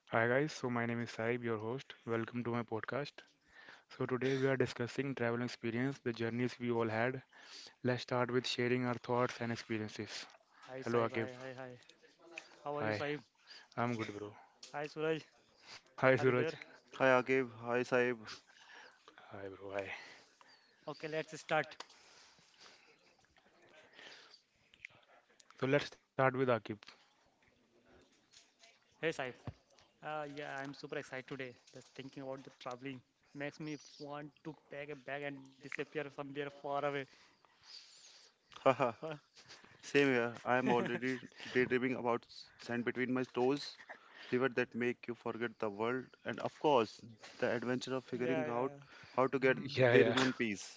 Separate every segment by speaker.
Speaker 1: Hi guys, so my name is Saib, your host. Welcome to my podcast. So today we are discussing travel experience, the journeys we all had. Let's start with sharing our thoughts and experiences.
Speaker 2: Hi
Speaker 1: Hello
Speaker 2: Saib, hi,
Speaker 1: Akib.
Speaker 2: hi, hi. How are you,
Speaker 1: Hi,
Speaker 2: Saib?
Speaker 1: I'm good bro.
Speaker 2: Hi Suraj,
Speaker 1: Hi
Speaker 2: are you there?
Speaker 1: Suraj.
Speaker 3: Hi Agib, hi Saib.
Speaker 1: Hi bro. Hi.
Speaker 2: Okay, let's start.
Speaker 1: So let's start with Akib.
Speaker 2: Hey Saib. Yeah, I'm super excited today. Just thinking about the traveling makes me want to pack a bag and disappear somewhere far away.
Speaker 3: Haha,
Speaker 2: Uh,
Speaker 3: Same here. I am
Speaker 2: yeah,
Speaker 3: already daydreaming about sand between my toes, river that make you forget the world, and of course, the adventure of
Speaker 2: yeah,
Speaker 3: figuring out
Speaker 2: yeah.
Speaker 3: how to get
Speaker 1: Yeah,
Speaker 3: there in
Speaker 1: yeah.
Speaker 3: one piece.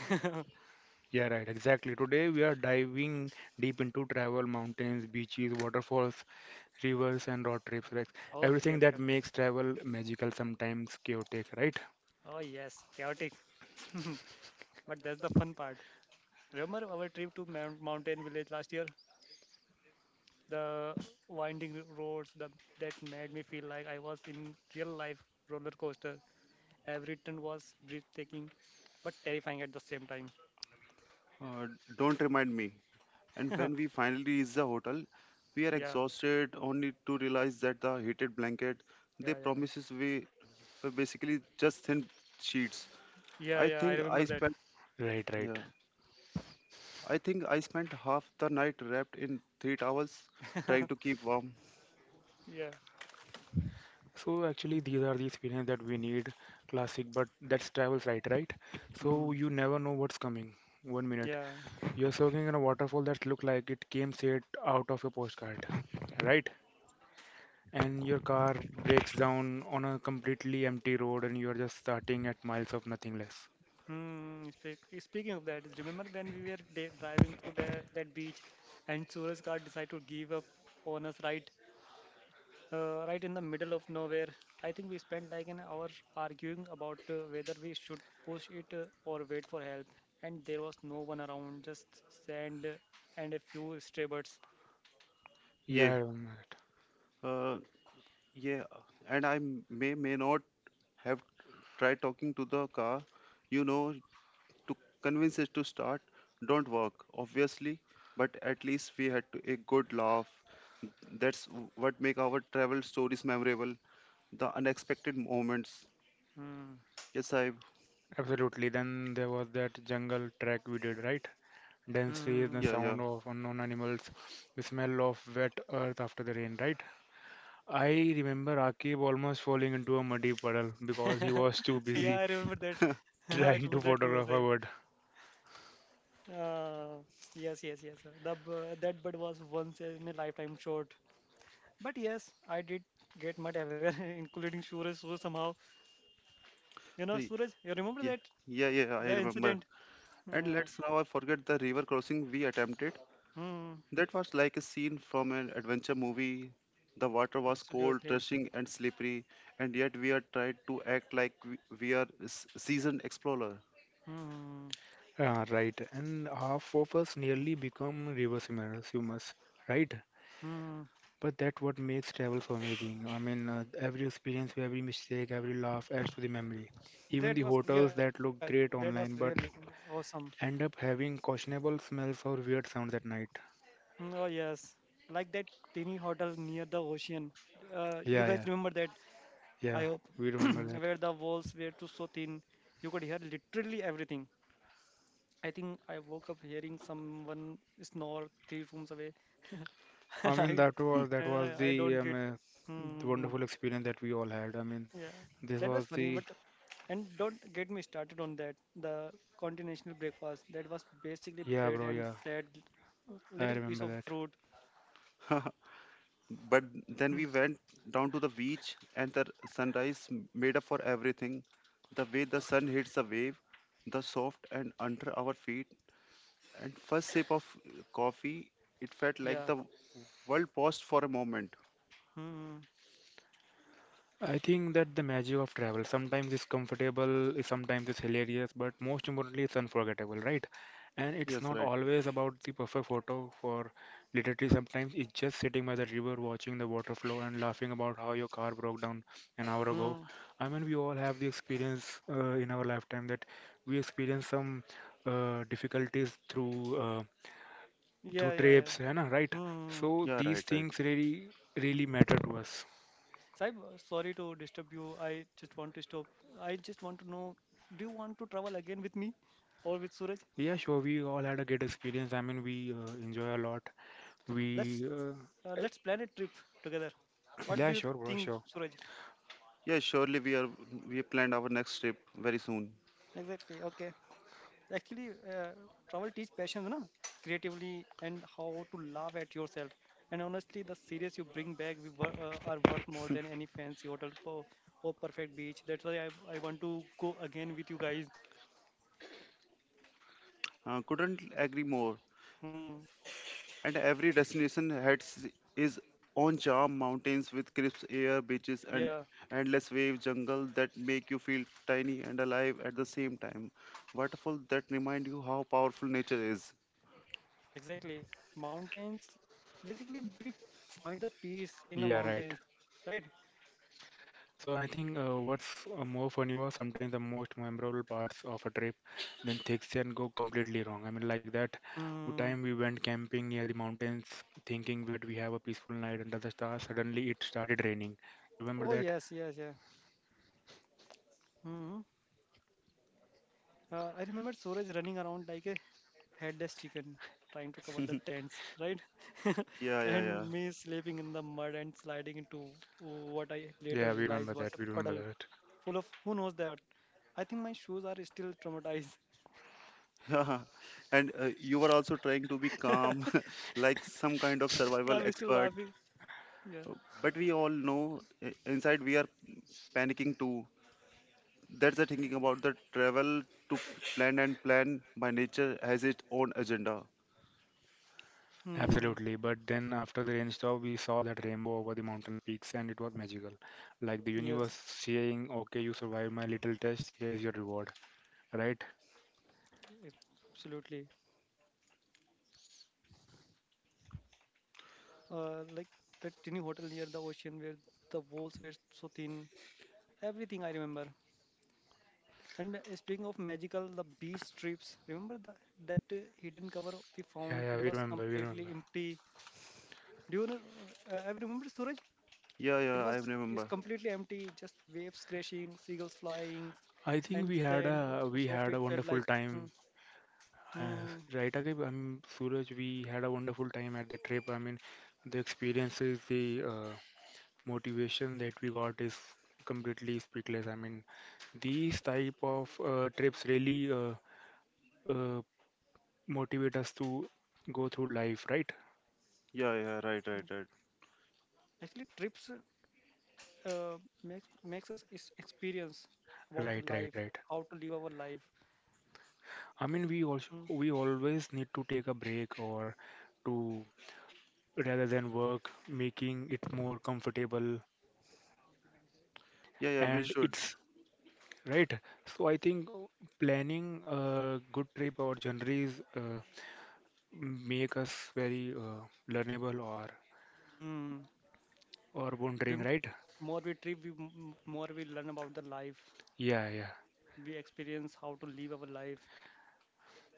Speaker 2: Hmm.
Speaker 1: Yeah, right. Exactly. Today we are diving deep into travel, mountains, beaches, waterfalls, rivers and road trips, right?
Speaker 2: Okay,
Speaker 1: Everything
Speaker 2: okay,
Speaker 1: that
Speaker 2: okay.
Speaker 1: makes travel magical sometimes chaotic, right?
Speaker 2: Oh yes, chaotic. But that's the fun part. Remember our trip to Mount Mountain Village last year? The winding roads that made me feel like I was in real life roller coaster. Every turn was breathtaking, but terrifying at the same time.
Speaker 3: Uh, don't remind me. And
Speaker 2: Yeah,
Speaker 3: when we finally reach the hotel, we are
Speaker 2: yeah,
Speaker 3: exhausted only to realize that the heated blanket they
Speaker 2: yeah,
Speaker 3: promises we were basically just thin sheets.
Speaker 2: yeah,
Speaker 3: I
Speaker 2: yeah. I
Speaker 3: think
Speaker 2: remember
Speaker 3: I
Speaker 2: that.
Speaker 3: spent
Speaker 1: Right, right.
Speaker 3: yeah. I think I spent half the night wrapped in three towels trying to keep warm.
Speaker 2: Yeah.
Speaker 1: So
Speaker 2: Mm.
Speaker 1: actually, these are the experience that we need, classic, but that's travels, right, right? So
Speaker 2: Mm,
Speaker 1: you never know what's coming. One minute,
Speaker 2: yeah.
Speaker 1: you're soaking in a waterfall that looked like it came straight out of a postcard, right? And your car breaks down on a completely empty road, and you're just starting at miles of nothing less.
Speaker 2: Speaking of that, remember when we were driving to that beach and Suraj car decided to give up on us right in the middle of nowhere. I think we spent like an hour arguing about whether we should push it or wait for help, and there was no one around, just sand and a few stray birds.
Speaker 1: Yeah,
Speaker 3: Yeah,
Speaker 1: I remember that.
Speaker 3: uh, yeah, and I may not have tried talking to the car, you know, to convince it to start. Don't work, obviously, but at least we had to, a good laugh. That's what make our travel stories memorable. The unexpected moments.
Speaker 2: Hmm.
Speaker 3: Yes, I.
Speaker 1: Absolutely. Then there was that jungle trek we did, right? Dense trees, the
Speaker 2: Hmm.
Speaker 3: Yeah, yeah,
Speaker 1: sound of unknown animals, the smell of wet earth after the rain, right? I remember Akib almost falling into a muddy puddle because he was too
Speaker 2: Yeah,
Speaker 1: busy
Speaker 2: I remember that. I
Speaker 1: trying
Speaker 2: remember
Speaker 1: to
Speaker 2: that too,
Speaker 1: photograph a
Speaker 2: Sahib.
Speaker 1: bird.
Speaker 2: Uh, yes, yes, yes, sir. The That bird was once in a lifetime shot. But yes, I did get mud everywhere, including Suraj. So somehow,
Speaker 3: hey,
Speaker 2: Suraj, you remember
Speaker 3: yeah,
Speaker 2: that
Speaker 3: yeah, yeah. I
Speaker 2: the
Speaker 3: remember.
Speaker 2: incident?
Speaker 3: And
Speaker 2: Uh,
Speaker 3: let's now I forget the river crossing we attempted.
Speaker 2: hmm.
Speaker 3: That was like a scene from an adventure movie. The water was cold,
Speaker 2: Absolutely.
Speaker 3: rushing, and slippery, and yet we are tried to act like we are seasoned explorer.
Speaker 2: Hmm.
Speaker 1: Ah, right. And half of us nearly become river swimmers, right?
Speaker 2: Hmm.
Speaker 1: But that's what makes travel so amazing. I mean, every experience, every mistake, every laugh adds to the memory. Even
Speaker 2: That
Speaker 1: the
Speaker 2: was, yeah.
Speaker 1: hotels that
Speaker 2: That
Speaker 1: look
Speaker 2: was
Speaker 1: great
Speaker 2: really
Speaker 1: online but
Speaker 2: awesome.
Speaker 1: end up having questionable smells or weird sounds at night.
Speaker 2: Oh yes, like that tiny hotel near the ocean. You
Speaker 1: Yeah,
Speaker 2: guys
Speaker 1: yeah,
Speaker 2: remember that?
Speaker 1: yeah.
Speaker 2: I hope,
Speaker 1: We remember that.
Speaker 2: where the walls were too so thin you could hear literally everything. I think I woke up hearing someone snore three rooms away,
Speaker 1: I
Speaker 2: and
Speaker 1: mean
Speaker 2: I
Speaker 1: that was that
Speaker 2: and
Speaker 1: was
Speaker 2: I,
Speaker 1: the
Speaker 2: I don't
Speaker 1: um,
Speaker 2: get.
Speaker 1: uh, the
Speaker 2: Mm-hmm.
Speaker 1: wonderful experience that we all had. I mean
Speaker 2: Yeah,
Speaker 1: this
Speaker 2: that was
Speaker 1: was
Speaker 2: funny,
Speaker 1: the
Speaker 2: but and don't get me started on that. The continental breakfast that was basically
Speaker 1: yeah
Speaker 2: bread
Speaker 1: bro
Speaker 2: and
Speaker 1: yeah
Speaker 2: sad
Speaker 1: I
Speaker 2: little piece
Speaker 1: remember
Speaker 2: of
Speaker 1: that.
Speaker 2: fruit.
Speaker 3: But then
Speaker 2: Hmm,
Speaker 3: we went down to the beach, and the sunrise made up for everything. The way the sun hits a wave, the soft and under our feet, and first sip of coffee, it felt like
Speaker 2: yeah.
Speaker 3: the world paused for a moment.
Speaker 2: Hmm.
Speaker 1: I think that the magic of travel sometimes is comfortable, sometimes it's hilarious, but most importantly, it's unforgettable, right? And it's
Speaker 3: Yes,
Speaker 1: not
Speaker 3: right.
Speaker 1: always about the perfect photo for literally sometimes it's just sitting by the river watching the water flow and laughing about how your car broke down an hour ago.
Speaker 2: Hmm.
Speaker 1: I mean, we all have the experience in our lifetime that we experience some difficulties through through
Speaker 2: Yeah. Yeah. Yeah.
Speaker 1: trips, है ना, right?
Speaker 2: Hmm.
Speaker 1: So
Speaker 3: Yeah,
Speaker 1: these
Speaker 3: right, right.
Speaker 1: things really really matter to us.
Speaker 2: Saib, sorry to disturb you. I just want to stop. I just want to know, do you want to travel again with me or with Suraj?
Speaker 1: Yeah, sure. We all had a great experience. I mean, we enjoy a lot.
Speaker 2: Let's
Speaker 1: We,
Speaker 2: uh,
Speaker 1: uh,
Speaker 2: let's plan a trip together. What
Speaker 1: yeah,
Speaker 2: do you
Speaker 1: sure, bro,
Speaker 2: think,
Speaker 1: sure.
Speaker 2: Suraj?
Speaker 3: Yeah, surely we are we have planned our next trip very soon.
Speaker 2: Exactly. Okay. Actually, travel teach passion, na? Creatively and how to laugh at yourself. And honestly, the series you bring back we are worth more than any fancy hotel or perfect beach. That's why I want to go again with you guys.
Speaker 3: Couldn't agree more.
Speaker 2: Hmm.
Speaker 3: And every destination heads is on charm mountains with crisp air, beaches, and
Speaker 2: Yeah.
Speaker 3: endless wave jungle that make you feel tiny and alive at the same time. Waterfall that remind you how powerful nature is.
Speaker 2: Exactly. Mountains. Basically, we find the peace in the
Speaker 1: Yeah,
Speaker 2: mountains,
Speaker 1: right.
Speaker 2: right?
Speaker 1: So I think what's more funny was sometimes the most memorable parts of a trip, then things can go completely wrong. I mean, like that
Speaker 2: Hmm.
Speaker 1: time we went camping near the mountains, thinking that we have a peaceful night under the stars. Suddenly it started raining. You remember
Speaker 2: Oh,
Speaker 1: that?
Speaker 2: yes, yes, yeah. Hmm. I remember Suraj running around like a headless chicken, trying to cover the tents, right?
Speaker 3: Yeah, yeah, yeah.
Speaker 2: And me sleeping in the mud and sliding into what I later
Speaker 1: Yeah, we
Speaker 2: realized
Speaker 1: remember
Speaker 2: was
Speaker 1: that.
Speaker 2: a
Speaker 1: We remember
Speaker 2: puddle
Speaker 1: that.
Speaker 2: full of who knows that. I think my shoes are still traumatized.
Speaker 3: Yeah. And you were also trying to be calm, like some kind of survival
Speaker 2: I'm still
Speaker 3: expert.
Speaker 2: laughing. Yeah.
Speaker 3: But we all know inside we are panicking too. That's the thinking about the travel to plan and plan by nature has its own agenda.
Speaker 2: Hmm.
Speaker 1: Absolutely, but then after the rain stopped, we saw that rainbow over the mountain peaks, and it was magical. Like the universe
Speaker 2: Yes,
Speaker 1: saying, "Okay, you survived my little test. Here's your reward." Right?
Speaker 2: absolutely. Like that tiny hotel near the ocean where the walls were so thin. Everything I remember. And speaking of magical, the beach strips. Remember that hidden cover we
Speaker 1: Yeah,
Speaker 2: found?
Speaker 1: yeah,
Speaker 2: It
Speaker 1: we
Speaker 2: was
Speaker 1: remember, we
Speaker 2: completely
Speaker 1: remember.
Speaker 2: empty. Do you know, have you remember Suraj?
Speaker 3: Yeah,
Speaker 2: It
Speaker 3: yeah, I
Speaker 2: was is
Speaker 3: remember.
Speaker 2: completely empty, just waves crashing, seagulls flying,
Speaker 1: I think
Speaker 2: and
Speaker 1: we had
Speaker 2: sand. Oh,
Speaker 1: a
Speaker 2: so
Speaker 1: we
Speaker 2: soft
Speaker 1: had
Speaker 2: it
Speaker 1: a
Speaker 2: felt like.
Speaker 1: wonderful
Speaker 2: Hmm,
Speaker 1: time. Uh,
Speaker 2: hmm.
Speaker 1: right, Akib? I mean, Suraj, we had a wonderful time at that trip. I mean, the experiences, the uh, motivation that we got is completely speechless. I mean, these type of trips really uh, motivate us to go through life, right?
Speaker 3: Yeah, yeah, right,
Speaker 2: Yeah.
Speaker 3: right, right.
Speaker 2: Actually, trips uh, makes us experience about the
Speaker 1: Right, right,
Speaker 2: life,
Speaker 1: right.
Speaker 2: how to live our life.
Speaker 1: I mean, we also
Speaker 2: Hmm.
Speaker 1: we always need to take a break or to rather than work, making it more comfortable.
Speaker 3: Yeah, yeah, we
Speaker 1: And
Speaker 3: should.
Speaker 1: it's right. So I think planning a good trip or journeys make us very learnable
Speaker 2: Hmm.
Speaker 1: or
Speaker 2: we
Speaker 1: wondering,
Speaker 2: m-
Speaker 1: right?
Speaker 2: more we trip more we learn about the life,
Speaker 1: Yeah, yeah.
Speaker 2: we experience how to live our life,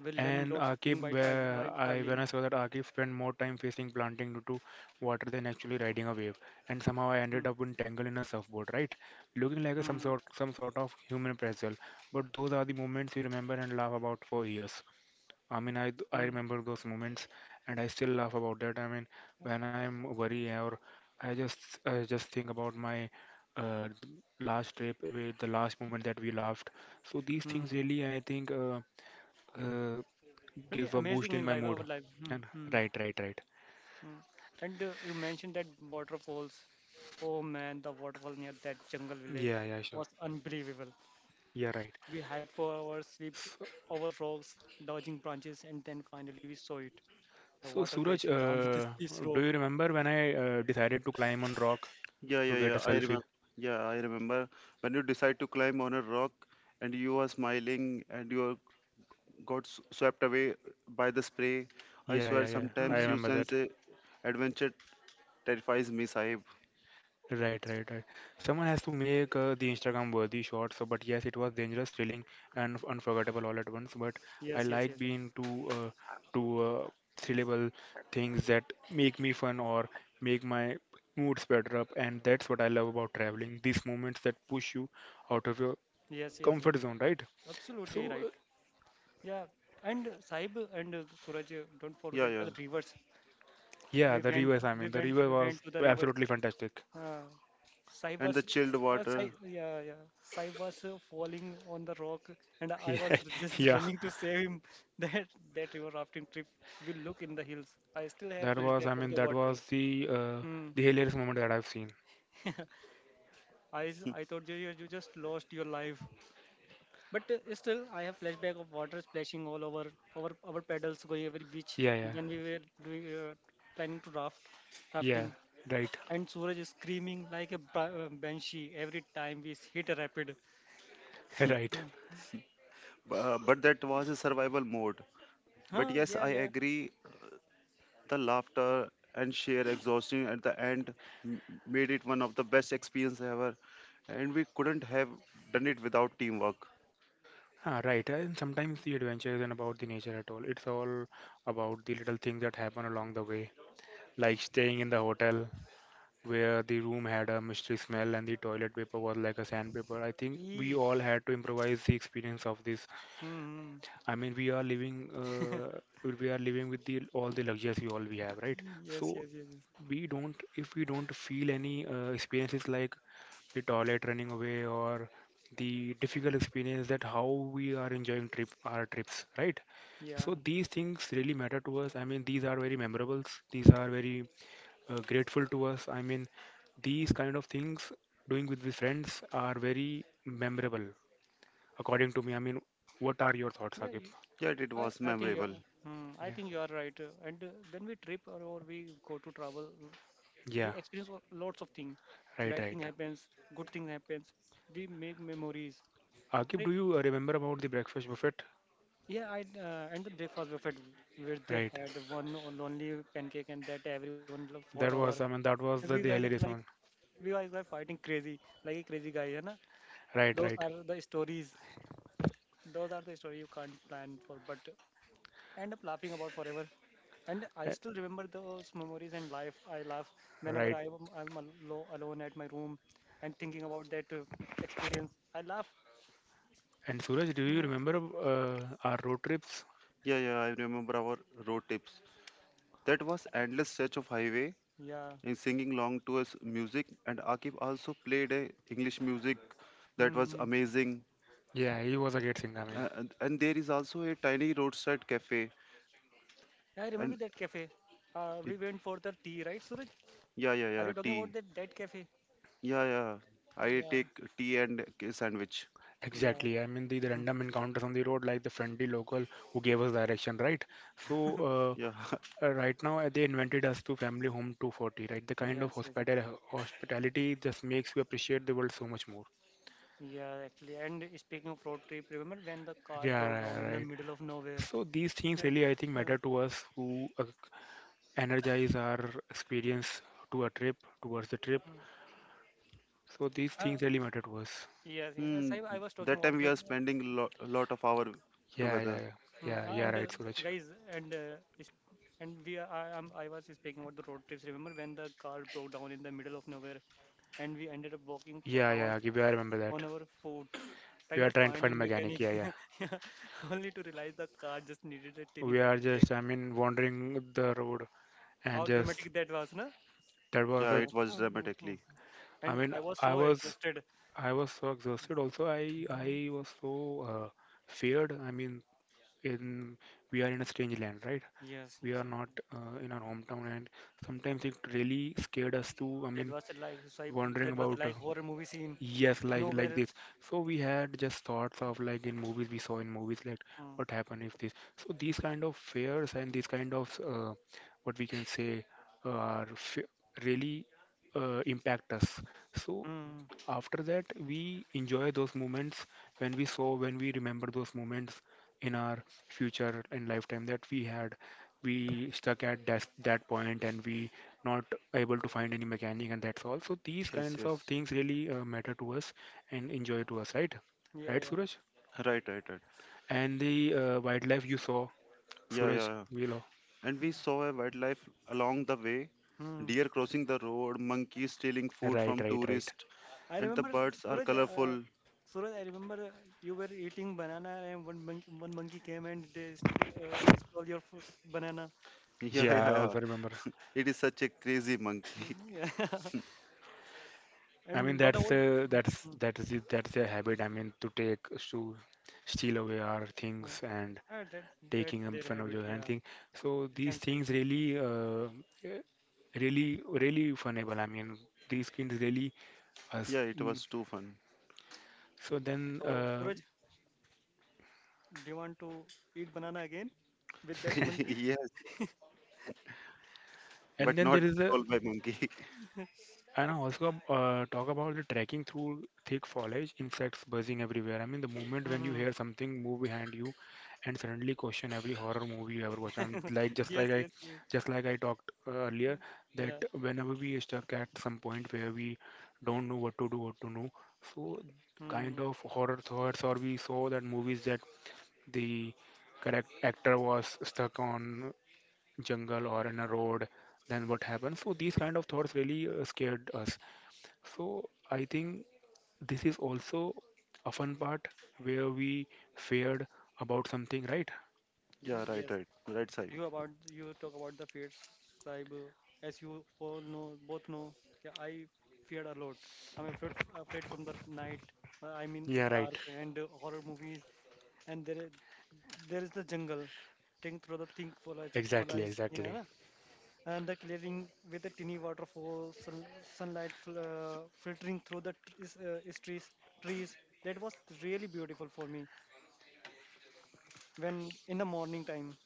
Speaker 2: we learn
Speaker 1: And
Speaker 2: lots of things
Speaker 1: Akib, where
Speaker 2: by
Speaker 1: I when I
Speaker 2: traveling.
Speaker 1: saw that Akib spent more time facing planting due to water than actually riding a wave, and somehow I ended
Speaker 2: Mm,
Speaker 1: up entangled in a surfboard, right? Looking like a, some
Speaker 2: mm,
Speaker 1: sort some sort of human pretzel. But those are the moments you remember and laugh about for years. I mean, I
Speaker 2: mm,
Speaker 1: remember those moments, and I still laugh about that. I mean, when I am worried or I just think about my uh, last trip, with the last moment that we laughed. So these things
Speaker 2: mm.
Speaker 1: really, I think. Uh,
Speaker 2: Really
Speaker 1: give a boost
Speaker 2: amazing
Speaker 1: in
Speaker 2: in
Speaker 1: my
Speaker 2: life our
Speaker 1: mood.
Speaker 2: life mm,
Speaker 1: And
Speaker 2: mm,
Speaker 1: right, right, right.
Speaker 2: mm. And you mentioned that waterfalls. Oh man, the waterfall near that jungle village
Speaker 1: Yeah, yeah, sure.
Speaker 2: was unbelievable.
Speaker 1: Yeah, right.
Speaker 2: We hiked for hours, slipped
Speaker 1: So,
Speaker 2: over rocks, dodging branches, and then finally we saw it, the
Speaker 1: so
Speaker 2: water
Speaker 1: Suraj,
Speaker 2: crashing down with this, this
Speaker 1: do
Speaker 2: row.
Speaker 1: you remember when I decided to climb on rock
Speaker 3: Yeah,
Speaker 1: to
Speaker 3: yeah,
Speaker 1: get a
Speaker 3: yeah, I
Speaker 1: selfie?
Speaker 3: remember. Yeah, I remember when you decide to climb on a rock and you are smiling and you are got swept away by the spray. I
Speaker 1: Yeah,
Speaker 3: swear
Speaker 1: yeah, yeah. I
Speaker 3: sometimes
Speaker 2: Mm,
Speaker 3: you
Speaker 1: remember
Speaker 3: sense
Speaker 1: that.
Speaker 3: a adventure terrifies me, Sahib.
Speaker 1: Right, right, right. Someone has to make the Instagram worthy shot. So, but yes, it was dangerous, thrilling, and unforgettable all at once. But
Speaker 2: yes,
Speaker 1: I
Speaker 2: yes, yes, yes.
Speaker 1: like being to to uh, syllable things that make me fun or make my moods better up, and that's what I love about traveling. These moments that push you out of your
Speaker 2: Yes, yes, yes.
Speaker 1: comfort zone, right?
Speaker 2: Absolutely
Speaker 1: So,
Speaker 2: right. Yeah, and Saib and Suraj, don't
Speaker 3: Yeah,
Speaker 2: forget
Speaker 3: yeah.
Speaker 2: the rivers.
Speaker 1: yeah,
Speaker 2: We
Speaker 1: the
Speaker 2: went,
Speaker 1: reverse. I
Speaker 2: we
Speaker 1: mean, the
Speaker 2: went,
Speaker 1: reverse
Speaker 2: we went
Speaker 1: was
Speaker 2: to the rivers.
Speaker 1: absolutely fantastic.
Speaker 2: Uh, Saib
Speaker 3: And the
Speaker 2: was,
Speaker 3: chilled water.
Speaker 2: yeah, yeah. Saib was falling on the rock, and I
Speaker 1: Yeah,
Speaker 2: was just
Speaker 1: yeah.
Speaker 2: running to save him. That that river rafting trip will look in the hills. I still have
Speaker 1: That was. I
Speaker 2: flashback of
Speaker 1: mean,
Speaker 2: the
Speaker 1: that
Speaker 2: water.
Speaker 1: was
Speaker 2: Hmm.
Speaker 1: the hilarious moment that I've seen.
Speaker 2: I thought you just lost your life. But still, I have flashback of water splashing all over our paddles going every which
Speaker 1: Yeah, yeah.
Speaker 2: when we were doing planning to raft
Speaker 1: Yeah,
Speaker 2: rafting,
Speaker 1: right,
Speaker 2: and Suraj is screaming like a banshee every time we hit a rapid.
Speaker 1: right,
Speaker 2: Yeah,
Speaker 3: But that was a survival mode. But
Speaker 2: huh?
Speaker 3: yes,
Speaker 2: Yeah,
Speaker 3: I
Speaker 2: yeah.
Speaker 3: agree. The laughter and sheer exhaustion at the end m- made it one of the best experience ever, and we couldn't have done it without teamwork.
Speaker 1: Ah, right. And sometimes the adventure isn't about the nature at all. It's all about the little things that happen along the way, like staying in the hotel where the room had a mystery smell and the toilet paper was like a sandpaper. I think we
Speaker 2: He,
Speaker 1: all had to improvise the experience of this.
Speaker 2: hmm.
Speaker 1: I mean, we are living, uh, we are living with the all the luxuries we all we have, right?
Speaker 2: Yes,
Speaker 1: So
Speaker 2: yes, yes, yes.
Speaker 1: we don't, if we don't feel any experiences like the toilet running away or the difficult experience that how we are enjoying trip our trips right
Speaker 2: Yeah,
Speaker 1: so these things really matter to us. I mean these are very memorables, these are very grateful to us. I mean these kind of things doing with the friends are very memorable according to me. I mean, what are your thoughts
Speaker 2: yeah. You,
Speaker 1: Akib?
Speaker 3: Yeah, it
Speaker 2: I,
Speaker 3: was
Speaker 2: I think you are.
Speaker 3: memorable.
Speaker 2: Hmm, I
Speaker 1: Yeah,
Speaker 2: think you are right. And when we trip or we go to travel, we
Speaker 1: yeah,
Speaker 2: experience lots of things.
Speaker 1: right,
Speaker 2: Bad thing
Speaker 1: right.
Speaker 2: happens, good thing happens, we make memories,
Speaker 1: Akib,
Speaker 2: right?
Speaker 1: do you remember about the breakfast buffet,
Speaker 2: Yeah, I and the breakfast buffet where they
Speaker 1: right?
Speaker 2: had one lonely pancake and that everyone fought
Speaker 1: That
Speaker 2: over,
Speaker 1: was, I mean, that
Speaker 2: and
Speaker 1: was
Speaker 2: we guys
Speaker 1: the
Speaker 2: are like
Speaker 1: hilarious one.
Speaker 2: we guys are fighting crazy like a crazy guy.
Speaker 1: Right,
Speaker 2: those
Speaker 1: right.
Speaker 2: are the stories those are the story you can't plan for but end up laughing about forever. And I still remember those memories and life. I laugh whenever
Speaker 1: Right.
Speaker 2: I'm alone at my room and thinking about that experience. I laugh.
Speaker 1: And Suraj, do you
Speaker 2: Yeah.
Speaker 1: remember our road trips?
Speaker 3: Yeah, yeah, I remember our road trips. That was endless stretch of highway
Speaker 2: Yeah.
Speaker 3: and singing along to us music. And Akib also played a English music that was
Speaker 2: Hmm.
Speaker 3: amazing.
Speaker 1: Yeah, he was a great singer. I mean,
Speaker 3: And there is also a tiny roadside cafe.
Speaker 2: I
Speaker 3: And
Speaker 2: remember that cafe. We went for the tea, right, Suraj?
Speaker 3: yeah, yeah,
Speaker 2: Are
Speaker 3: yeah,
Speaker 2: you talking about
Speaker 3: tea.
Speaker 2: that cafe?
Speaker 3: Yeah, yeah. I
Speaker 2: Yeah.
Speaker 3: take tea and a sandwich.
Speaker 2: Yeah.
Speaker 1: exactly. I mean, the
Speaker 2: Hmm.
Speaker 1: random encounters on the road, like the friendly local who gave us direction, right? So,
Speaker 3: Yeah,
Speaker 1: uh, uh, right now, they invented us to family home 240, right? The kind of
Speaker 2: Yes, yes.
Speaker 1: hospital hospitality just makes you appreciate the world so much more.
Speaker 2: Yeah, actually. And speaking of road trip, remember when the car broke down
Speaker 1: Yeah,
Speaker 2: in
Speaker 1: right.
Speaker 2: the
Speaker 1: Right.
Speaker 2: middle of nowhere?
Speaker 1: So, these things really, I think, matter to us who energize our experience to a trip, towards the trip.
Speaker 2: uh,
Speaker 1: So, these
Speaker 2: uh,
Speaker 1: things really matter to us.
Speaker 2: yes, yes.
Speaker 3: Mm,
Speaker 2: I was talking
Speaker 3: that time
Speaker 2: about
Speaker 3: we
Speaker 2: that.
Speaker 3: are spending a lot of hour
Speaker 1: Yeah,
Speaker 3: together.
Speaker 1: yeah, yeah.
Speaker 2: Hmm,
Speaker 1: Yeah,
Speaker 2: ah,
Speaker 1: yeah,
Speaker 2: And uh,
Speaker 1: right, Suraj.
Speaker 2: guys, and is- and we are, I, am I was speaking about the road trips. Remember when the car broke down in the middle of nowhere and we ended up walking for
Speaker 1: Yeah,
Speaker 2: hours
Speaker 1: yeah, yeah, I remember
Speaker 2: on
Speaker 1: that.
Speaker 2: our foot,
Speaker 1: We
Speaker 2: trying
Speaker 1: are
Speaker 2: to
Speaker 1: trying to
Speaker 2: find a
Speaker 1: find mechanic.
Speaker 2: mechanic,
Speaker 1: Yeah, yeah.
Speaker 2: yeah, only to realize the car just needed a tiny
Speaker 1: We are
Speaker 2: battery check.
Speaker 1: just, I mean, wandering the road and
Speaker 2: How
Speaker 1: just
Speaker 2: dramatic that was, no?
Speaker 1: that was
Speaker 3: Yeah,
Speaker 1: the.
Speaker 2: Yeah.
Speaker 3: it was dramatically.
Speaker 1: I
Speaker 2: And
Speaker 1: mean,
Speaker 2: I was
Speaker 1: I
Speaker 2: so
Speaker 1: was,
Speaker 2: exhausted.
Speaker 1: I was so exhausted. Also, I,
Speaker 2: Mhm.
Speaker 1: I was so uh, feared. I mean, in we are in a strange land, right?
Speaker 2: Yes,
Speaker 1: We
Speaker 2: yes,
Speaker 1: are
Speaker 2: yeah,
Speaker 1: not
Speaker 2: yeah.
Speaker 1: in our hometown, and sometimes it really scared us to. I
Speaker 2: That
Speaker 1: mean,
Speaker 2: was a like so I,
Speaker 1: wandering
Speaker 2: that was a
Speaker 1: about
Speaker 2: like horror movie scene.
Speaker 1: Yes, like
Speaker 2: Nowhere.
Speaker 1: this. So we had just thoughts of like in movies we saw in movies like
Speaker 2: Mm,
Speaker 1: what happened if this. So these kind of fears and these kind of what we can say are f really impact us. So
Speaker 2: mm,
Speaker 1: after that, we enjoy those moments when we saw, when we remember those moments in our future and lifetime that we had. We stuck at that point and we not able to find any mechanic and that's all. So these
Speaker 3: Yes,
Speaker 1: kinds of
Speaker 3: yes.
Speaker 1: things really matter to us and enjoy to us, right?
Speaker 2: yeah,
Speaker 1: Right,
Speaker 2: yeah.
Speaker 1: Suraj?
Speaker 3: Right, right, right.
Speaker 1: And the wildlife you saw,
Speaker 3: Yeah, yeah,
Speaker 1: Suraj,
Speaker 3: yeah.
Speaker 1: below.
Speaker 3: And we saw a wildlife along the way,
Speaker 2: Hmm.
Speaker 3: deer crossing the road, monkeys stealing food
Speaker 1: Right,
Speaker 3: from
Speaker 1: right, right.
Speaker 3: tourists,
Speaker 2: I
Speaker 3: and the
Speaker 2: remember
Speaker 3: birds are
Speaker 2: Suraj.
Speaker 3: colorful.
Speaker 2: Suraj, I remember you were eating banana and one monkey came and he stole your banana,
Speaker 3: Yeah,
Speaker 1: Yeah,
Speaker 2: right?
Speaker 3: yeah,
Speaker 1: I
Speaker 3: yeah.
Speaker 1: also remember.
Speaker 3: It is such a crazy monkey.
Speaker 2: Mm, yeah.
Speaker 1: I mean
Speaker 2: And what
Speaker 1: that's
Speaker 2: about?
Speaker 1: a
Speaker 2: Mm,
Speaker 1: that's
Speaker 2: mm,
Speaker 1: that is it- that's a habit. I mean to take to steal away our
Speaker 2: mm.
Speaker 1: things and
Speaker 2: Uh, that that's
Speaker 1: taking them
Speaker 2: their
Speaker 1: fun of
Speaker 2: habit.
Speaker 1: your
Speaker 2: Yeah,
Speaker 1: anything. So
Speaker 2: we
Speaker 1: these
Speaker 2: can say.
Speaker 1: things really eh, really really funable. I mean these things really us.
Speaker 3: Yeah, it
Speaker 1: Mm.
Speaker 3: was too fun.
Speaker 1: So then
Speaker 2: So Suraj, do you want to eat banana again with that monkey?
Speaker 3: Yes,
Speaker 1: and
Speaker 3: but
Speaker 1: then
Speaker 3: not
Speaker 1: there is a
Speaker 3: stole by monkey.
Speaker 1: And I also talk about the trekking through thick foliage, insects buzzing everywhere. I mean, the moment when you
Speaker 2: Hmm.
Speaker 1: hear something move behind you, and suddenly question every horror movie you ever watched. I'm like
Speaker 2: Yes, yes, yes.
Speaker 1: just like I talked earlier, that
Speaker 2: Yeah.
Speaker 1: whenever we are stuck at some point where we don't know what to do, what to know, so kind
Speaker 2: Mm,
Speaker 1: of horror thoughts, or we saw that movies that the correct actor was stuck on jungle or in a road. Then what happened? So these kind of thoughts really scared us. So I think this is also a fun part where we feared about something, right?
Speaker 3: Yeah,
Speaker 2: mm,
Speaker 3: right,
Speaker 2: yes.
Speaker 3: right. Right, Sai.
Speaker 2: you about you talk about the fears, Saib. As you all know, both know, yeah, I feared a lot. I'm afraid from the night. I mean,
Speaker 1: Yeah, right.
Speaker 2: dark and horror movies, and there is the jungle. Think through the think for a for
Speaker 1: Exactly,
Speaker 2: eyes. Yeah,
Speaker 1: exactly.
Speaker 2: na? And the clearing with the tiny waterfall, sunlight filtering through the trees. That was really beautiful for me when in the morning time.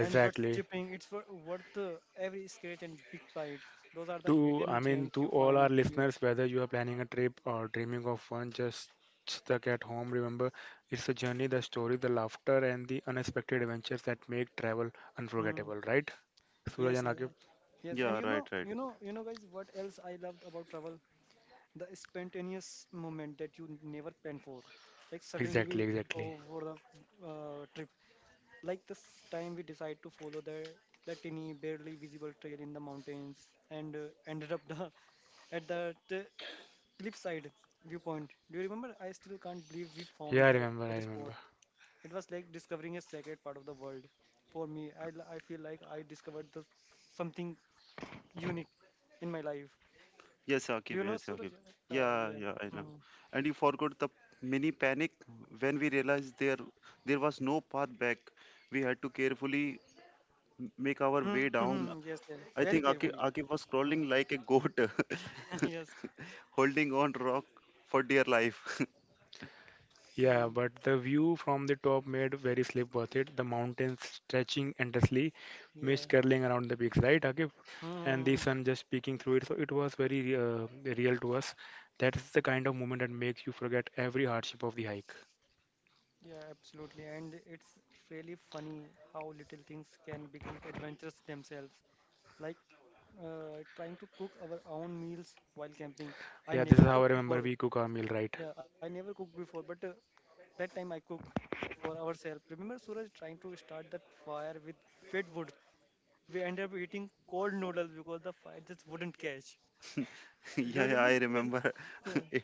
Speaker 2: And but chipping, it's worth every scratch and big bite. Those are the
Speaker 1: To, I
Speaker 2: hidden
Speaker 1: mean,
Speaker 2: gems
Speaker 1: to
Speaker 2: you
Speaker 1: all our
Speaker 2: find when you.
Speaker 1: listeners, whether you are planning a trip or dreaming of one, just stuck at home, remember it's a journey, the story, the laughter, and the unexpected adventures that make travel
Speaker 2: Hmm.
Speaker 1: unforgettable, right? Suraj
Speaker 2: Yes,
Speaker 1: and
Speaker 2: yes,
Speaker 1: Akib?
Speaker 2: yes. Yes, and
Speaker 3: Yeah,
Speaker 2: you
Speaker 3: right,
Speaker 2: know,
Speaker 3: right.
Speaker 2: you know, you know, guys, what else I loved about travel? The spontaneous moment that you never plan for. Like suddenly
Speaker 1: Exactly,
Speaker 2: we
Speaker 1: exactly.
Speaker 2: go for the trip. Like this time we decide to follow the tiny, barely visible trail in the mountains, and ended up the at the cliffside viewpoint. Do you remember? I still can't believe we
Speaker 1: Yeah,
Speaker 2: found
Speaker 1: I
Speaker 2: that
Speaker 1: remember, I
Speaker 2: that spot.
Speaker 1: remember.
Speaker 2: It was like discovering a sacred part of the world. For me, I feel like I discovered something unique in my life.
Speaker 3: Yes,
Speaker 2: Do
Speaker 3: Akib.
Speaker 2: you know
Speaker 3: Yes,
Speaker 2: Suraj?
Speaker 3: Akib.
Speaker 2: Uh,
Speaker 3: Yeah,
Speaker 2: yeah.
Speaker 3: yeah, I know.
Speaker 2: Mm.
Speaker 3: And you forgot the mini panic when we realized there was no path back. We had to carefully make our
Speaker 2: Hmm.
Speaker 3: way
Speaker 2: Mm-hmm.
Speaker 3: down.
Speaker 2: Yes, yeah. Very
Speaker 3: I think
Speaker 2: carefully.
Speaker 3: Akib was
Speaker 2: Mm.
Speaker 3: crawling like a goat,
Speaker 2: Yes.
Speaker 3: holding on rock for dear life.
Speaker 1: Yeah,
Speaker 2: Mm.
Speaker 1: but the view from the top made very sleep worth it. The mountains stretching endlessly, mist
Speaker 2: Yeah.
Speaker 1: curling around the peaks, right, Akib? And the
Speaker 2: Hmm.
Speaker 1: sun just peeking through it. So it was very real to us. That is the kind of moment that makes you forget every hardship of the hike.
Speaker 2: Yeah, absolutely. And it's really funny how little things can become adventures themselves. Like trying to cook our own meals while camping. I
Speaker 1: Yeah, this
Speaker 2: never
Speaker 1: is how I
Speaker 2: cooked
Speaker 1: remember
Speaker 2: before.
Speaker 1: we cook our meal, right?
Speaker 2: Yeah, I never cooked before, but that time I cook for ourselves. Remember Suraj trying to start that fire with fed wood. We ended up eating cold noodles because the fire just wouldn't catch. Do
Speaker 3: Yeah,
Speaker 2: you
Speaker 3: yeah, I
Speaker 2: remember Suraj?
Speaker 3: remember.
Speaker 2: Yeah,
Speaker 3: it,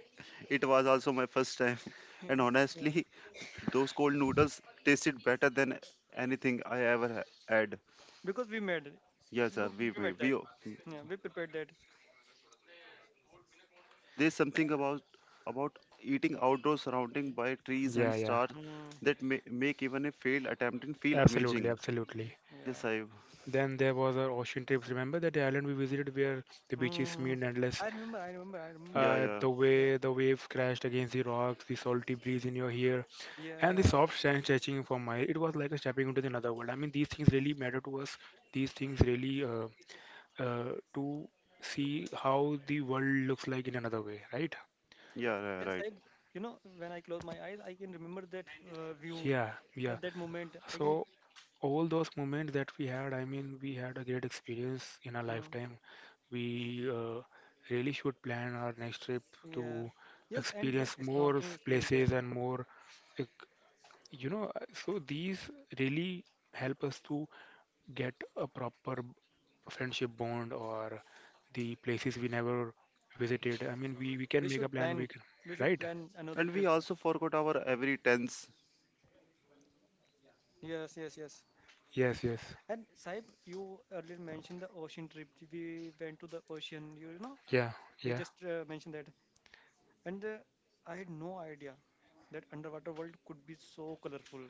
Speaker 3: it was also my first time,
Speaker 2: yeah,
Speaker 3: and
Speaker 2: yeah.
Speaker 3: honestly, those cold noodles tasted better than anything I ever had.
Speaker 2: Because we made it.
Speaker 3: Yes, sir,
Speaker 2: Look,
Speaker 3: we
Speaker 2: we
Speaker 3: we
Speaker 2: made that.
Speaker 3: we.
Speaker 2: Yeah, we prepared that.
Speaker 3: There's something about eating outdoors
Speaker 2: Yeah.
Speaker 3: surrounding by trees and
Speaker 1: Yeah, yeah,
Speaker 3: stars
Speaker 2: Mm,
Speaker 3: that make even a failed attempt and feel
Speaker 1: absolutely,
Speaker 3: amazing.
Speaker 1: absolutely.
Speaker 2: yeah.
Speaker 3: Yes, I.
Speaker 1: Then there was our ocean trips. Remember that island we visited where the beaches
Speaker 2: Mm.
Speaker 1: seemed endless?
Speaker 2: I remember. I remember. I remember.
Speaker 3: Yeah, yeah,
Speaker 1: The
Speaker 2: Yeah.
Speaker 1: way the waves crashed against the rocks, the salty breeze in your hair, and the
Speaker 2: Yeah.
Speaker 1: soft hand stretching for my, it was like a stepping into another world. I mean, these things really matter to us. These things really to see how the world looks like in another way, right?
Speaker 3: yeah, yeah,
Speaker 2: Yes,
Speaker 3: right.
Speaker 2: when I close my eyes, I can remember that view
Speaker 1: Yeah, yeah.
Speaker 2: at that moment. I can,
Speaker 1: So all those moments that we had, I mean, we had a great experience in our
Speaker 2: mm,
Speaker 1: lifetime. We really should plan our next trip
Speaker 2: yeah,
Speaker 1: to
Speaker 2: yes, and the
Speaker 1: experience more
Speaker 2: snorkeling experience there.
Speaker 1: places and more, like, So these really help us to get a proper friendship bond or the places we never visited. I mean, we can
Speaker 2: We
Speaker 1: make a
Speaker 2: should
Speaker 1: plan, we
Speaker 2: plan.
Speaker 1: can,
Speaker 2: We should
Speaker 1: right?
Speaker 2: plan another
Speaker 3: And we
Speaker 2: trip.
Speaker 3: also forgot our every tense.
Speaker 2: Yes, yes, yes.
Speaker 1: Yes, yes.
Speaker 2: And Saib, you earlier mentioned the ocean trip. We went to the ocean. You know,
Speaker 1: Yeah,
Speaker 2: you
Speaker 1: yeah,
Speaker 2: just mentioned that, and I had no idea that underwater world could be so colorful.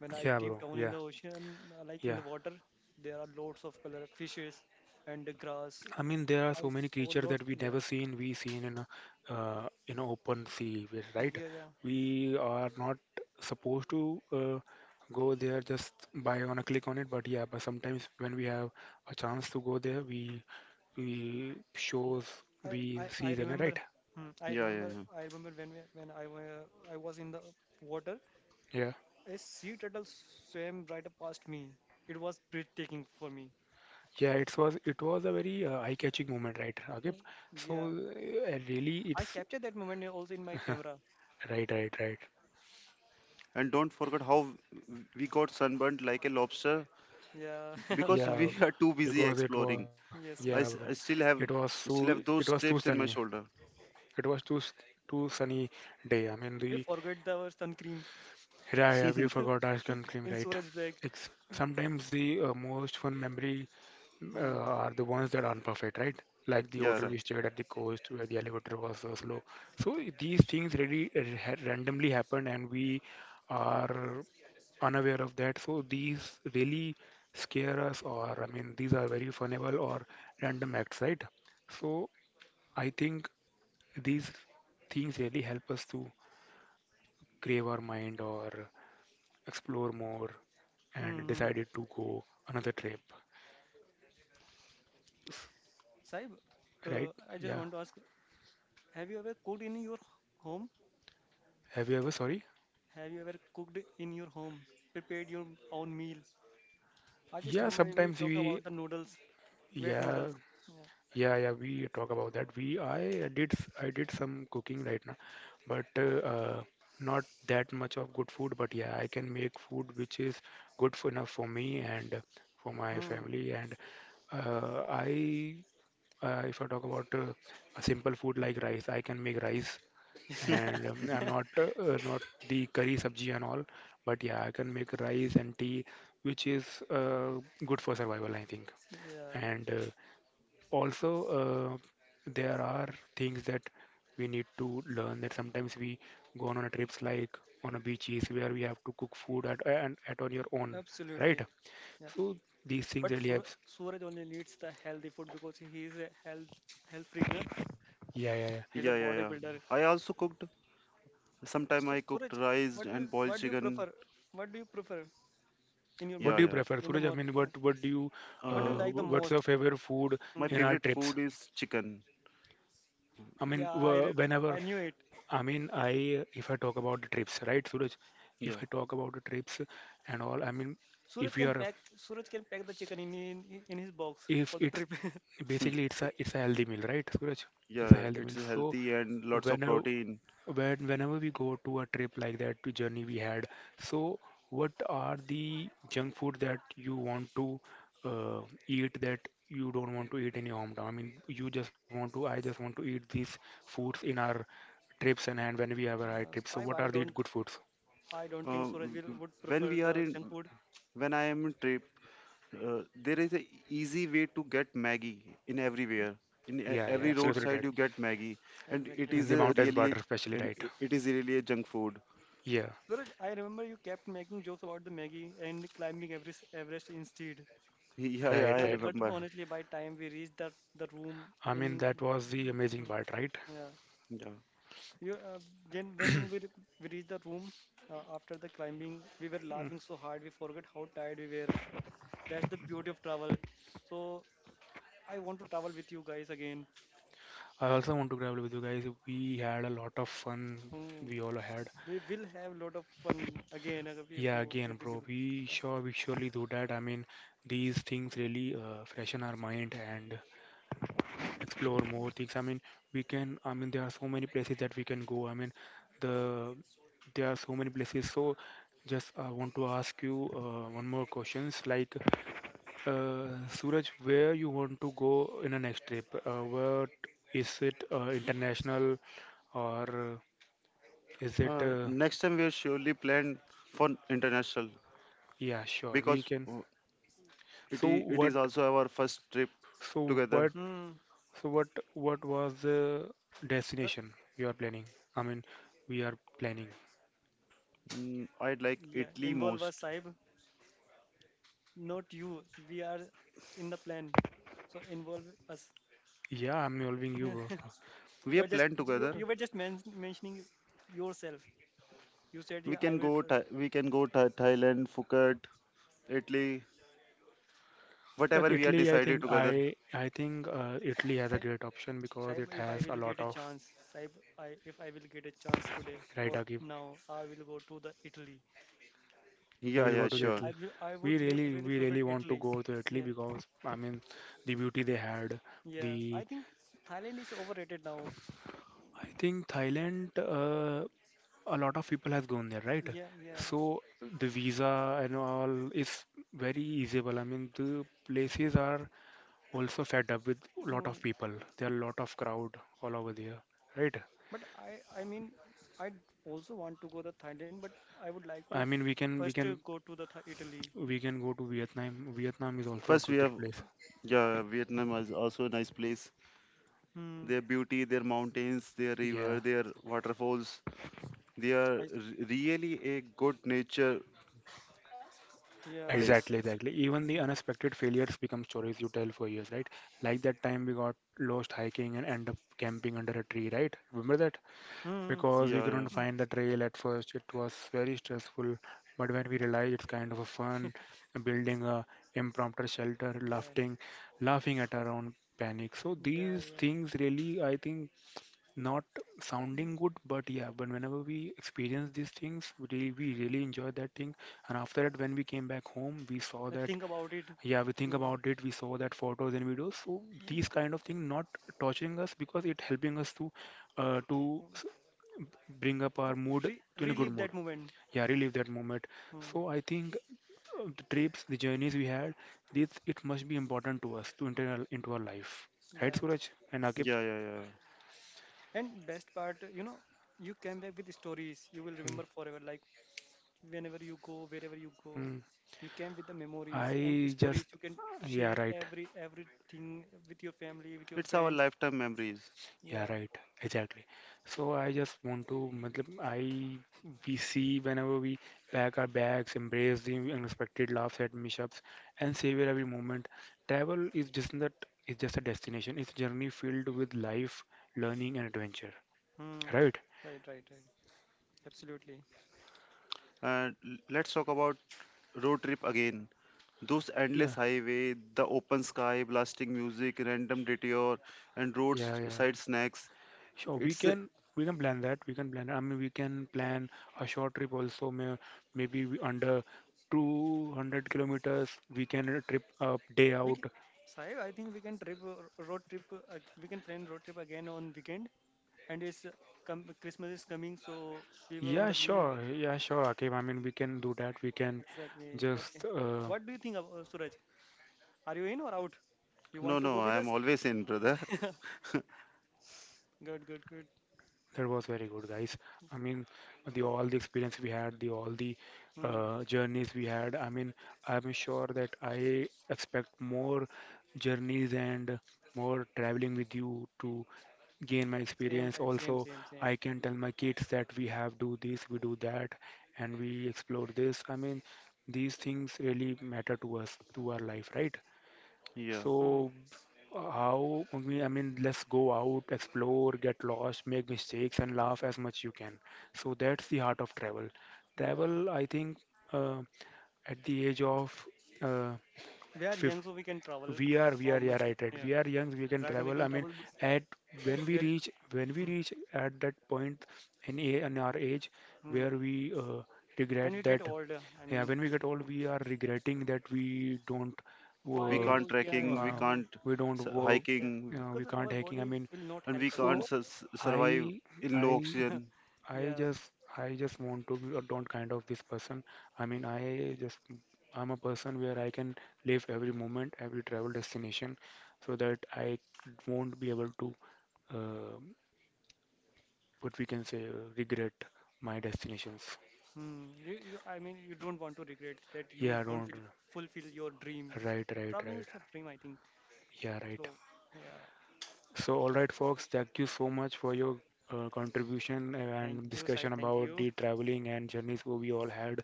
Speaker 2: When I
Speaker 1: yeah, bro.
Speaker 2: deep down in
Speaker 1: Yeah,
Speaker 2: the ocean, like in
Speaker 1: yeah.
Speaker 2: the water, there are lots of color fishes and the grass
Speaker 1: I mean, there are
Speaker 2: I
Speaker 1: so many
Speaker 2: Saw
Speaker 1: creatures
Speaker 2: lots.
Speaker 1: that we
Speaker 2: Yeah,
Speaker 1: never seen. We seen in a open sea, right?
Speaker 2: yeah, yeah.
Speaker 1: We are not supposed to go there just by on a click on it, but yeah. But sometimes when we have a chance to go there, we
Speaker 2: Th-
Speaker 1: shows
Speaker 2: I,
Speaker 1: we
Speaker 2: I,
Speaker 1: see
Speaker 2: I
Speaker 1: them,
Speaker 2: remember.
Speaker 1: right?
Speaker 2: Hmm, I
Speaker 3: Yeah, yeah,
Speaker 2: remember.
Speaker 3: yeah.
Speaker 2: I remember when we, when I were, I was in the water.
Speaker 1: Yeah,
Speaker 2: A sea turtle swam right past me. It was breathtaking for me.
Speaker 1: yeah, it was a very eye-catching moment, right, Ragib? So
Speaker 2: Yeah,
Speaker 1: really,
Speaker 2: I
Speaker 1: it's
Speaker 2: captured that moment also in my camera.
Speaker 1: right, right, right.
Speaker 3: And don't forget how we got sunburned like a lobster
Speaker 2: Yeah,
Speaker 3: because
Speaker 1: Yeah,
Speaker 3: we are too busy
Speaker 1: because it was
Speaker 3: exploring.
Speaker 1: yeah,
Speaker 2: yes,
Speaker 1: bro.
Speaker 2: yes, yes.
Speaker 3: I
Speaker 1: It was so
Speaker 3: still
Speaker 1: it
Speaker 3: have
Speaker 1: was
Speaker 3: those
Speaker 1: too
Speaker 3: strips
Speaker 1: sunny.
Speaker 3: in my shoulder.
Speaker 1: It was too too sunny day. I mean
Speaker 2: We
Speaker 1: the
Speaker 2: forgot our sun cream
Speaker 1: yeah, yeah we forgot our sun cream,
Speaker 2: in
Speaker 1: right?
Speaker 2: storage bag.
Speaker 1: It's, sometimes the most fun memory
Speaker 2: Hmm.
Speaker 1: are the ones that aren't perfect, right? Like the
Speaker 3: Yeah,
Speaker 2: Yes,
Speaker 1: hotel
Speaker 3: right.
Speaker 2: yes.
Speaker 1: we stayed at the coast where the elevator was slow. So these things really randomly happen and we are unaware of that. So these really scare us, or I mean, these are very funnable or random acts, right? So I think these things really help us to crave our mind or explore more and
Speaker 2: Hmm, hmm.
Speaker 1: decided to go another trip, S-
Speaker 2: Saib,
Speaker 1: right?
Speaker 2: I just
Speaker 1: Yeah.
Speaker 2: want to ask, have you ever cooked in your home?
Speaker 1: Have you ever, sorry?
Speaker 2: Have you ever cooked in your home, prepared your own meal? I just
Speaker 1: Yeah,
Speaker 2: remember we
Speaker 1: sometimes
Speaker 2: talk
Speaker 1: we,
Speaker 2: about the noodles, wet
Speaker 1: yeah,
Speaker 2: noodles. Yeah.
Speaker 1: yeah, yeah, we talk about that. We, I did, I did some cooking right now, but not that much of good food. But yeah, I can make food which is good for enough for me and for my
Speaker 2: Hmm.
Speaker 1: family. And I, if I talk about a simple food like rice, I can make rice and not not the curry sabji and all. But yeah, I can make rice and tea, which is good for survival, I think
Speaker 2: Yeah,
Speaker 1: and also there are things that we need to learn that sometimes we go on a trips like on a beaches where we have to cook food at and at on your own right
Speaker 2: absolutely. Yeah,
Speaker 1: so these things
Speaker 2: but
Speaker 1: really
Speaker 2: Sur
Speaker 1: helps
Speaker 2: Suraj only needs the healthy food because he is a health freak, na?
Speaker 1: yeah yeah yeah
Speaker 3: Yeah,
Speaker 2: He's a
Speaker 3: yeah, yeah.
Speaker 2: bodybuilder.
Speaker 3: I also cooked. Sometime
Speaker 2: So
Speaker 3: I cooked
Speaker 2: Suraj,
Speaker 3: rice
Speaker 2: what do you,
Speaker 3: and boiled
Speaker 2: what do you
Speaker 3: chicken.
Speaker 2: prefer? What do you prefer in your
Speaker 1: what
Speaker 3: Yeah,
Speaker 1: do
Speaker 2: meal
Speaker 1: you
Speaker 3: yeah.
Speaker 1: prefer
Speaker 2: in the
Speaker 1: Suraj, I
Speaker 2: morning?
Speaker 1: mean, what do you
Speaker 2: What do you
Speaker 3: Uh,
Speaker 2: like the
Speaker 1: what's
Speaker 2: most?
Speaker 1: your favorite food
Speaker 3: my
Speaker 2: Hmm.
Speaker 1: in our
Speaker 3: favorite
Speaker 1: trips
Speaker 3: food is chicken.
Speaker 1: I mean
Speaker 2: Yeah, I re
Speaker 1: whenever
Speaker 2: I knew it.
Speaker 1: I mean I if I talk about the trips right Suraj if
Speaker 3: Yeah,
Speaker 1: I talk about the trips and all I mean if you are
Speaker 2: Suraj can pack the chicken in his box
Speaker 1: if
Speaker 2: for the
Speaker 1: it's
Speaker 2: trip.
Speaker 1: basically it's a healthy meal, right, Suraj? It's a
Speaker 3: yeah,
Speaker 1: healthy
Speaker 3: it's
Speaker 1: meal. So
Speaker 3: healthy and lots of
Speaker 1: whenever
Speaker 3: protein.
Speaker 1: whenever we go to a trip like that, to journey we had, so what are the junk food that you want to uh, eat that you don't want to eat in your hometown? I mean, you just want to, I just want to eat these foods in our trips and when we have a high
Speaker 2: Uh,
Speaker 1: trip. So
Speaker 2: why?
Speaker 1: what
Speaker 2: Why
Speaker 1: are the
Speaker 2: don't
Speaker 1: good foods?
Speaker 2: I don't
Speaker 3: Uh,
Speaker 2: think Suraj
Speaker 3: w-
Speaker 2: will
Speaker 3: w-
Speaker 2: would
Speaker 3: when
Speaker 2: prefer
Speaker 3: we are
Speaker 2: the
Speaker 3: in,
Speaker 2: junk food?
Speaker 3: when I am in trip, there is a easy way to get Maggie in everywhere. In
Speaker 1: Yeah, yeah,
Speaker 3: every
Speaker 1: absolutely
Speaker 3: roadside,
Speaker 1: right.
Speaker 3: you
Speaker 2: Exactly,
Speaker 3: get Maggie, and it
Speaker 2: exactly.
Speaker 1: In
Speaker 3: is
Speaker 1: the
Speaker 3: a
Speaker 1: mountains part,
Speaker 3: really,
Speaker 1: especially
Speaker 3: and
Speaker 1: right.
Speaker 3: it it is really a junk food.
Speaker 1: Yeah,
Speaker 2: Suraj, I remember you kept making jokes about the Maggie and climbing Everest instead.
Speaker 3: Yeah, yeah,
Speaker 1: right,
Speaker 3: I
Speaker 2: Yeah,
Speaker 1: right.
Speaker 2: but
Speaker 3: remember.
Speaker 2: honestly, by time we reached the room
Speaker 1: I mean,
Speaker 2: in,
Speaker 1: that was the amazing
Speaker 2: hmm,
Speaker 1: part, right?
Speaker 2: yeah,
Speaker 3: Yeah.
Speaker 2: you then when we re- we reached the room after the climbing, we were laughing so hard we forgot how tired we were. That's the beauty of travel. So I want to travel with you guys again.
Speaker 1: I also want to travel with you guys. We had a lot of fun.
Speaker 2: Hmm,
Speaker 1: We all had.
Speaker 2: we will have a lot of fun again uh, if
Speaker 1: Yeah,
Speaker 2: you
Speaker 1: again,
Speaker 2: if we
Speaker 1: bro.
Speaker 2: will,
Speaker 1: We
Speaker 2: yeah.
Speaker 1: sure we surely do that. I mean, these things really freshen our mind and explore more things. I mean, we can. I mean, there are so many places that we can go. I mean, the there are so many places. So, just I want to ask you one more questions. Like, Suraj, where you want to go in a next trip? What is it? International or is it?
Speaker 3: Next time we are surely planned for international
Speaker 1: Yeah, sure, we
Speaker 3: because
Speaker 1: can. So
Speaker 3: it
Speaker 1: what,
Speaker 3: is also our first trip
Speaker 1: so
Speaker 3: together.
Speaker 1: what,
Speaker 2: Hmm.
Speaker 1: so what, what was the
Speaker 2: Uh,
Speaker 1: destination you are planning? I mean, we are planning.
Speaker 3: Mm, I'd like
Speaker 2: yeah,
Speaker 3: Italy
Speaker 2: involve
Speaker 3: most.
Speaker 2: us, Saib, not you, we are in the plan, so involve us.
Speaker 1: Yeah, I'm involving you, bro.
Speaker 2: You're
Speaker 3: We have
Speaker 2: just
Speaker 3: planned
Speaker 2: you
Speaker 3: together.
Speaker 2: were just mentioning yourself. You said yeah
Speaker 3: We
Speaker 2: I
Speaker 3: can
Speaker 2: will
Speaker 3: go. We can go Thailand, Phuket, Italy,
Speaker 1: Yeah,
Speaker 3: whatever we
Speaker 2: yeah.
Speaker 3: are
Speaker 1: Italy,
Speaker 3: decided together.
Speaker 1: I think Italy has a
Speaker 2: Saib,
Speaker 1: great option because
Speaker 2: Saib,
Speaker 1: it
Speaker 2: if I
Speaker 1: has a
Speaker 2: will
Speaker 1: lot
Speaker 2: get a
Speaker 1: of
Speaker 2: chance, Saib I if I will get a chance today
Speaker 1: Right.
Speaker 2: or
Speaker 1: Again.
Speaker 2: now I will go to the Italy.
Speaker 1: You
Speaker 3: Yeah,
Speaker 1: will go
Speaker 3: yeah,
Speaker 1: to the
Speaker 2: Yeah,
Speaker 3: sure.
Speaker 2: I
Speaker 1: Italy.
Speaker 2: will, I would really
Speaker 1: We
Speaker 2: prefer
Speaker 1: really want to
Speaker 2: Italy.
Speaker 1: go to Italy
Speaker 2: Yeah,
Speaker 1: because I mean, the beauty they had.
Speaker 2: yeah,
Speaker 1: The
Speaker 2: I think Thailand is overrated now.
Speaker 1: I think Thailand. A lot of people has gone there, right?
Speaker 2: Yeah, yeah.
Speaker 1: So the visa and all is very easyable. I mean, the places are also fed up with a lot of
Speaker 2: Hmm.
Speaker 1: people. There are a lot of crowd all over there, right?
Speaker 2: But I also want to go to Thailand, but I would like to
Speaker 1: I mean,
Speaker 2: first go to the Italy.
Speaker 1: we can go to Vietnam. Vietnam is also a
Speaker 3: First, we
Speaker 1: good
Speaker 3: have
Speaker 1: great place.
Speaker 3: yeah, Vietnam is also a nice place.
Speaker 2: Hmm.
Speaker 3: Their beauty, their mountains, their river,
Speaker 1: Yeah,
Speaker 3: their waterfalls. They are
Speaker 2: I, s-
Speaker 3: really a good nature
Speaker 2: yeah.
Speaker 3: place.
Speaker 1: exactly, exactly. Even the
Speaker 2: Hmm.
Speaker 1: unexpected failures become stories you tell for years, right? Like that time we got lost hiking and end up camping under a tree, right? Remember that?
Speaker 2: Hmm.
Speaker 1: Because we
Speaker 3: Yeah, yeah,
Speaker 1: couldn't
Speaker 2: Hmm.
Speaker 1: find the trail at first. It was very stressful, but when we realized it's kind of a fun, building a impromptu shelter,
Speaker 2: Yeah.
Speaker 1: laughing, laughing at our own panic. So
Speaker 2: Yeah.
Speaker 1: these
Speaker 2: Yeah.
Speaker 1: things really, I think, not sounding good, but yeah, but whenever we experience these things, we really enjoy that thing. And after that, when we came back home, we saw
Speaker 2: I
Speaker 1: that,
Speaker 2: think about it.
Speaker 1: yeah, we think
Speaker 2: Yeah.
Speaker 1: about it, we saw that photos and videos. So
Speaker 2: Hmm,
Speaker 1: these
Speaker 2: yeah.
Speaker 1: kind of thing not torturing us because it helping us to uh, to
Speaker 2: Hmm.
Speaker 1: s- bring up our
Speaker 2: To
Speaker 1: mood to in a good
Speaker 2: relive
Speaker 1: mood.
Speaker 2: that moment.
Speaker 1: Yeah, relive that moment.
Speaker 2: Hmm.
Speaker 1: So I think the trips, the journeys we had, this it must be important to us to enter into our life, right,
Speaker 2: Yeah.
Speaker 1: Suraj and Akib?
Speaker 3: yeah, yeah, yeah.
Speaker 2: And best part, you know, you came back with stories you will
Speaker 1: Mm,
Speaker 2: remember forever, like whenever you go, wherever you go,
Speaker 1: mm.
Speaker 2: you came with the memories and
Speaker 1: I just
Speaker 2: stories you can
Speaker 1: yeah,
Speaker 2: share
Speaker 1: right.
Speaker 2: everything with your family, with your
Speaker 3: It's our
Speaker 2: friends.
Speaker 3: lifetime memories.
Speaker 1: Yeah,
Speaker 2: Yeah,
Speaker 1: right. Exactly. So I just want to, matlab, I we see whenever we pack our bags, embrace the unexpected laughs at mishaps, and savor every moment. Travel is just a destination. It's a journey filled with life, learning, and adventure.
Speaker 2: hmm.
Speaker 1: Right?
Speaker 2: Right, right, right, absolutely.
Speaker 3: And let's talk about road trip again. Those endless
Speaker 1: Yeah,
Speaker 3: highway, the open sky, blasting music, random detour, and
Speaker 1: yeah, yeah.
Speaker 3: roadside snacks.
Speaker 1: Sure,
Speaker 3: It's a,
Speaker 1: we can plan that. We can plan. I mean, we can plan a short trip also. Maybe we under 200 kilometers. We can trip a day
Speaker 2: We
Speaker 1: out.
Speaker 2: can. Saib, I think we can trip road trip. We can plan road trip again on weekend, and it's Christmas is coming, so we were on
Speaker 1: Yeah,
Speaker 2: the leave.
Speaker 1: sure. Yeah, sure, Akib. I mean, we can do that. We can
Speaker 2: Exactly. Okay.
Speaker 1: just.
Speaker 2: What do you think, of, Suraj? Are you in or out? Do you
Speaker 3: no,
Speaker 2: want to go
Speaker 3: no. I
Speaker 2: with
Speaker 3: am
Speaker 2: us?
Speaker 3: always in, brother.
Speaker 2: Good, good, good.
Speaker 1: That was very good, guys. I mean, the all the experience we had, the all the
Speaker 2: Hmm.
Speaker 1: journeys we had. I mean, I'm sure that I expect more journeys and more traveling with you to gain my
Speaker 2: Same,
Speaker 1: experience.
Speaker 2: Saib. Same,
Speaker 1: Also,
Speaker 2: same, same.
Speaker 1: I can tell my kids that we have do this, we do that, and we explore this. I mean, these things really matter to us, to our life, right?
Speaker 3: Yeah,
Speaker 2: Hmm.
Speaker 1: So how, I mean, let's go out, explore, get lost, make mistakes, and laugh as much you can. So that's the heart of travel.
Speaker 2: Yeah,
Speaker 1: Travel, I think, uh, at the age of uh,
Speaker 2: we are
Speaker 1: fif
Speaker 2: young, so we can travel.
Speaker 1: we
Speaker 2: How
Speaker 1: are, yeah,
Speaker 2: much?
Speaker 1: right, right.
Speaker 2: Yeah,
Speaker 1: We are young, we can
Speaker 2: right now we
Speaker 1: travel. I
Speaker 2: can
Speaker 1: mean,
Speaker 2: travel, but
Speaker 1: at
Speaker 2: as we are,
Speaker 1: when we
Speaker 2: mm,
Speaker 1: reach at that point in, a, in our age
Speaker 2: mm,
Speaker 1: where we regret
Speaker 2: when we get
Speaker 1: that
Speaker 2: older, I
Speaker 1: yeah,
Speaker 2: mean,
Speaker 1: when we get old,
Speaker 2: mm,
Speaker 1: we are regretting that
Speaker 3: we
Speaker 2: why?
Speaker 1: uh,
Speaker 3: can't
Speaker 2: Yeah,
Speaker 3: trekking, we
Speaker 1: uh,
Speaker 2: yeah,
Speaker 3: can't
Speaker 1: we don't work,
Speaker 2: yeah,
Speaker 3: hiking,
Speaker 1: we
Speaker 2: because
Speaker 1: can't
Speaker 2: our
Speaker 1: hacking. I
Speaker 2: body
Speaker 1: mean,
Speaker 2: will not
Speaker 3: and
Speaker 2: help
Speaker 3: we
Speaker 2: us, na.
Speaker 3: can't
Speaker 1: so
Speaker 3: sus survive
Speaker 1: I,
Speaker 3: in low
Speaker 1: I,
Speaker 3: oxygen.
Speaker 1: I
Speaker 2: Yeah.
Speaker 1: just, I just want to be a don't kind of this person. I mean, I just, I'm a person where I can live every moment, every travel destination, so that I won't be able to, uh, what we can say, regret my destinations.
Speaker 2: Hmm. I mean, you don't want to regret that you
Speaker 1: Yeah,
Speaker 2: don't
Speaker 1: don't.
Speaker 2: feel, fulfill your dream. Yeah.
Speaker 1: Right,
Speaker 2: Your
Speaker 1: right,
Speaker 2: traveling is
Speaker 1: right.
Speaker 2: your dream, I think.
Speaker 1: Yeah, right.
Speaker 2: So, yeah.
Speaker 1: So, all right, folks, thank you so much for your contribution
Speaker 2: Thank
Speaker 1: and
Speaker 2: you, Saib.
Speaker 1: discussion
Speaker 2: Thank
Speaker 1: about
Speaker 2: you.
Speaker 1: the traveling and journeys what we all had.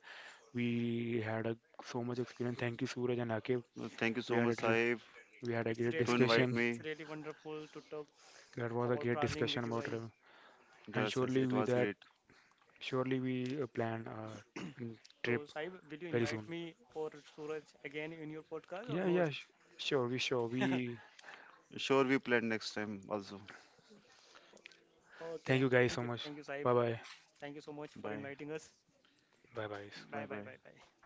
Speaker 1: We had a, so much experience. Thank you, Suraj and Akib.
Speaker 3: Thank you
Speaker 1: We
Speaker 3: so
Speaker 1: had
Speaker 3: much,
Speaker 1: a
Speaker 2: Uh,
Speaker 3: Saif,
Speaker 1: we had a
Speaker 2: it's
Speaker 1: great
Speaker 3: to
Speaker 2: really great.
Speaker 3: invite
Speaker 1: discussion.
Speaker 2: It's
Speaker 3: me.
Speaker 2: really wonderful to talk
Speaker 1: That was a
Speaker 2: about
Speaker 1: great
Speaker 2: traveling
Speaker 1: discussion
Speaker 2: with you
Speaker 1: about
Speaker 2: guys.
Speaker 1: travel, and
Speaker 3: Yes, yes, it was great.
Speaker 1: surely we plan a
Speaker 2: So,
Speaker 1: trip
Speaker 2: Saib, will you
Speaker 1: very
Speaker 2: invite
Speaker 1: soon.
Speaker 2: me or Suraj again in your podcast or
Speaker 1: Yeah,
Speaker 2: no?
Speaker 1: yeah, sure, we sure we.
Speaker 3: Sure, we plan next time also.
Speaker 2: Okay,
Speaker 1: Thank you
Speaker 2: thank,
Speaker 1: guys
Speaker 2: thank
Speaker 1: so
Speaker 2: you.
Speaker 1: much.
Speaker 2: Thank you, Saib.
Speaker 1: Bye bye.
Speaker 2: Thank you so much for
Speaker 3: Bye,
Speaker 2: inviting us.
Speaker 1: Bye bye.
Speaker 3: bye,
Speaker 2: Bye, bye,
Speaker 3: bye.
Speaker 2: bye, bye.